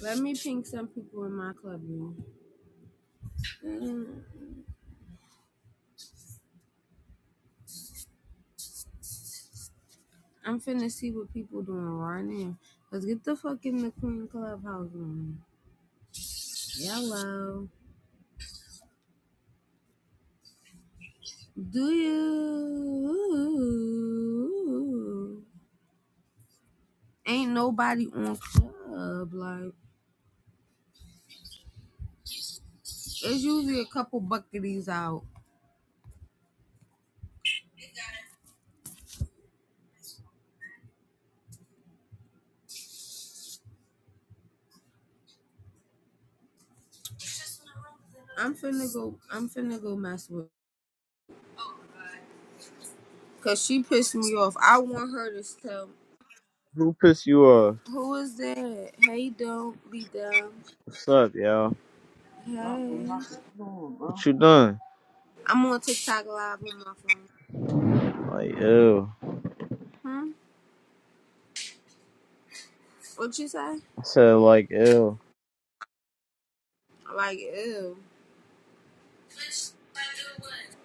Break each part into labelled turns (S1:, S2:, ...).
S1: Let me ping some people in my club, man. Mm, I'm finna see what people doing right now. Let's get the fuck in the Queen Clubhouse room. Yellow. Do you? Ain't nobody on club. Like, it's usually a couple bucketies out. I'm finna go, I'm finna go mess with her. Cause she pissed me off. I want her to tell
S2: Who pissed you off?
S1: who is that? Hey, don't be dumb.
S2: What's up, yo?
S1: Hey.
S2: What you done?
S1: I'm on TikTok live on my phone.
S2: Like, ew.
S1: Hmm? What you say?
S2: I said, like, ew.
S1: Like ew.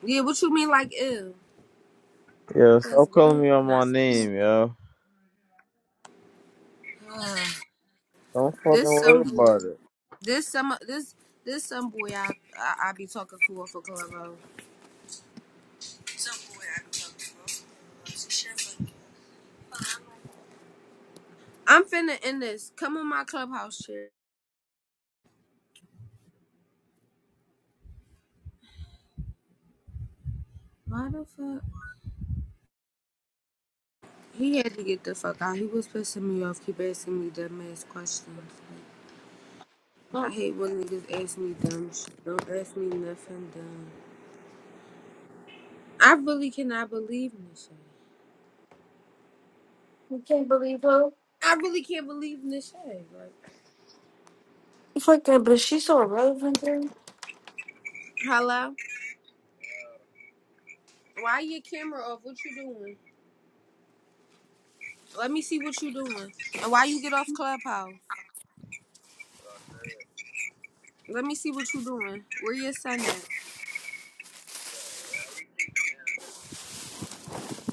S1: Yeah, what you mean like ew?
S2: Yo,
S1: Cause
S2: stop
S1: what?
S2: calling me on my
S1: Not
S2: name, yo. Don't fucking
S1: this
S2: worry
S1: some boy.
S2: about it.
S1: This some this this some boy I I, I be talking to off of Clubhouse. I'm finna end this. Come on my clubhouse shit. Why the fuck? He had to get the fuck out. He was pissing me off. Keep asking me dumb ass questions. Like,
S3: Oh,
S1: I hate when niggas ask me dumb shit. Don't ask me nothing dumb. I really cannot believe in this shit.
S3: you can't believe her.
S1: I really can't believe this shade. Like,
S3: Fuck that, but she's so relevant, girl.
S1: hello, why your camera off? What you doing? Let me see what you doing. And why you get off Clubhouse? Let me see what you doing. Where your son at?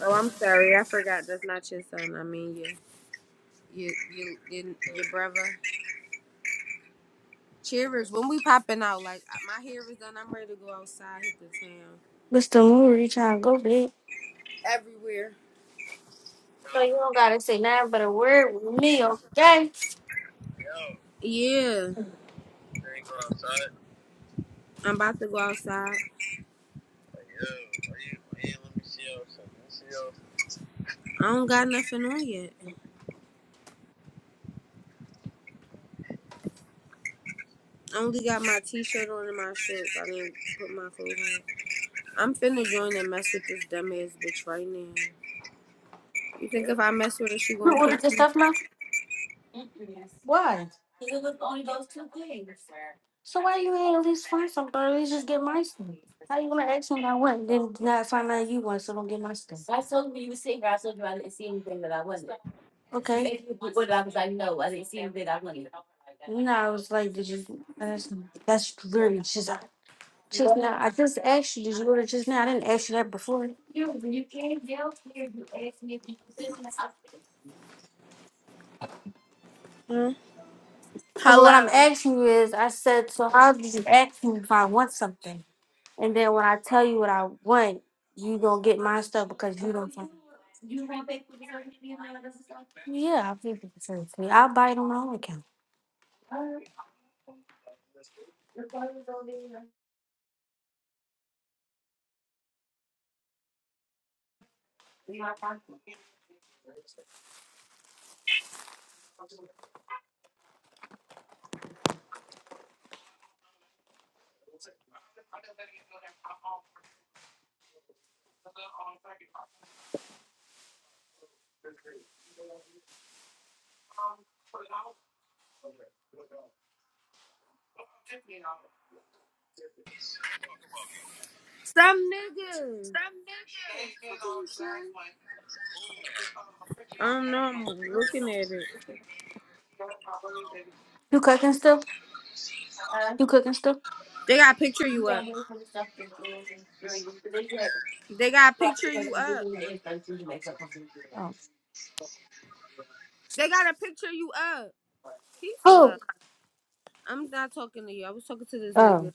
S1: Oh, I'm sorry, I forgot. That's not your son. I mean your your your your, your brother. Cheers. When we popping out, like my hair is done. I'm ready to go outside, hit the town,
S3: Mr. Moore, trying to go big.
S1: everywhere.
S3: No, you don't gotta say nothing but a word with me, okay?
S1: Yeah, I'm about to go outside. I don't got nothing on yet. I only got my t-shirt on and my shorts. I didn't put my clothes on. I'm finna join and mess with this dumbass bitch right now. You think if I mess with her, she
S3: You
S1: gonna kick
S3: ordered this
S1: me?
S3: stuff now? Yes. Why? So why you ain't at least find something? Or at least just get my stuff. How you gonna ask me about what? I want, Then not find out you want, so don't get my stuff. I I I I told told you you you was sitting here. I told you I didn't wasn't. see anything that I wasn't. Okay. You asked me What what I was like, No, I didn't see anything I wanted. No, I was like, did you ask me? That's literally just. Just now, I just asked you, did you go to just now? I didn't ask you that before. No,
S1: Huh?
S3: But what I'm
S1: Hello.
S3: asking you is, I said, so how did you ask me if I want something? And then when I tell you what I want, you gonna get my stuff because you don't want. Yeah, I'll feed you the me. I'll buy it on my own account.
S1: Some nigga. Fuck are you sure? I don't know. I'm looking at it.
S3: You cooking still? You cooking still?
S1: They got to picture you up. They got to picture you up.
S3: Oh.
S1: They got to picture you up. He
S3: Who?
S1: slow. I'm not talking to you. I was talking to this nigga.
S3: Oh.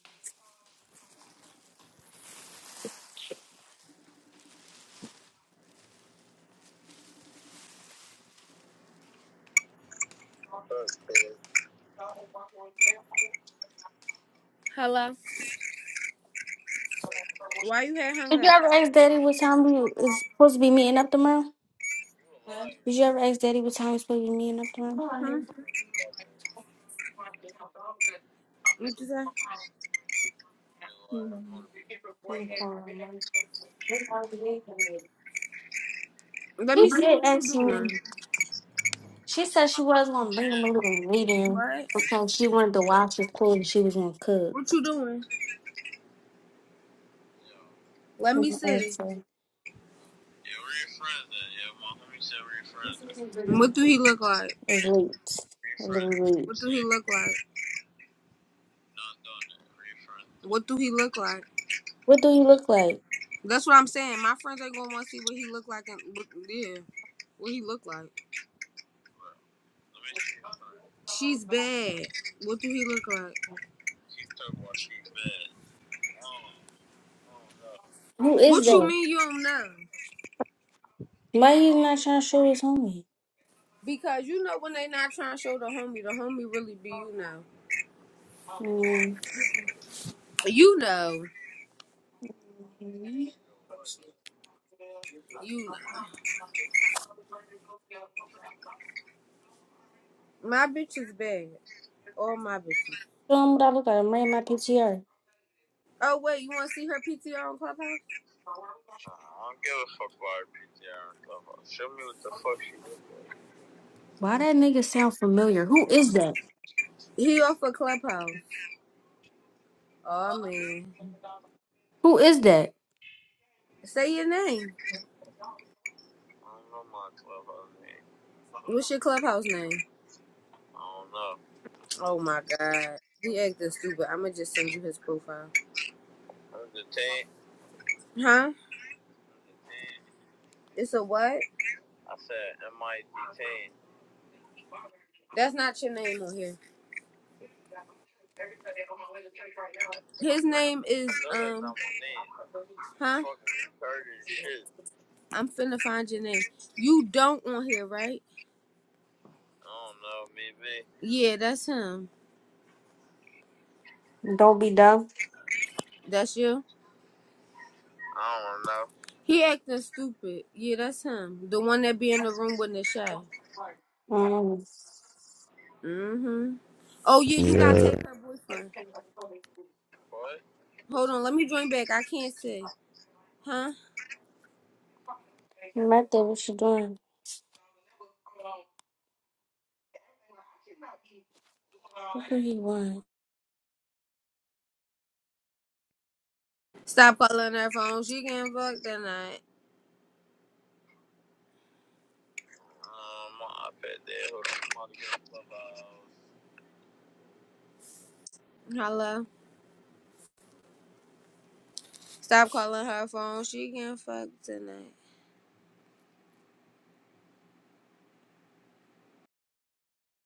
S1: Hello. Why you had hung
S3: Did you
S1: up?
S3: ever ask Daddy what time we is supposed to be meeting up tomorrow? Did you ever ask Daddy what time we supposed to be meeting up tomorrow?
S1: Hmm? What you say?
S3: Mm.
S1: Let
S3: She
S1: me see
S3: did
S1: what
S3: ask
S1: you doing.
S3: me. She said she was gonna bring him a little meeting
S1: What?
S3: because she wanted to watch his clothes. and she was gonna cook.
S1: What you doing? Let me
S3: And I
S1: see.
S3: asked her, "Wait,
S1: What do he look like?
S3: a little late.
S1: What do he look like? What do he look like?
S3: What do you look like?
S1: That's what I'm saying. My friends ain't gonna want to see what he look like and what, yeah, what he look like. She's bad. What do he look like?
S3: Who is
S1: What you
S3: that?
S1: mean you don't know?
S3: Why you not trying to show his homie?
S1: Because you know when they not trying to show the homie, the homie really be you know.
S3: Mm.
S1: You know. You know. My bitch is bad. All my bitches.
S3: Show him what I look like. I'm wearing my PTR.
S1: Oh wait, you want to see her PTR on Clubhouse?
S3: Why that nigga sound familiar? Who is that?
S1: He off of Clubhouse. Oh man.
S3: Who is that?
S1: Say your name. What's your Clubhouse name? Oh my god. He acting stupid. I'ma just send you his profile. Huh? It's a what? That's not your name on here. His name is um. Huh? I'm finna find your name. You don't on here, right? Yeah, that's him.
S3: Don't be dumb.
S1: That's you. He acting stupid. Yeah, that's him. The one that be in the room with Nisha.
S3: Um,
S1: Mm-hmm. Oh yeah, you gotta
S4: Yeah.
S1: take her boyfriend. Hold on, let me join back. I can't say. Huh?
S3: Method, what you doing? What do you want?
S1: Stop calling her phone. She can fuck tonight. Hello. Stop calling her phone. She can fuck tonight.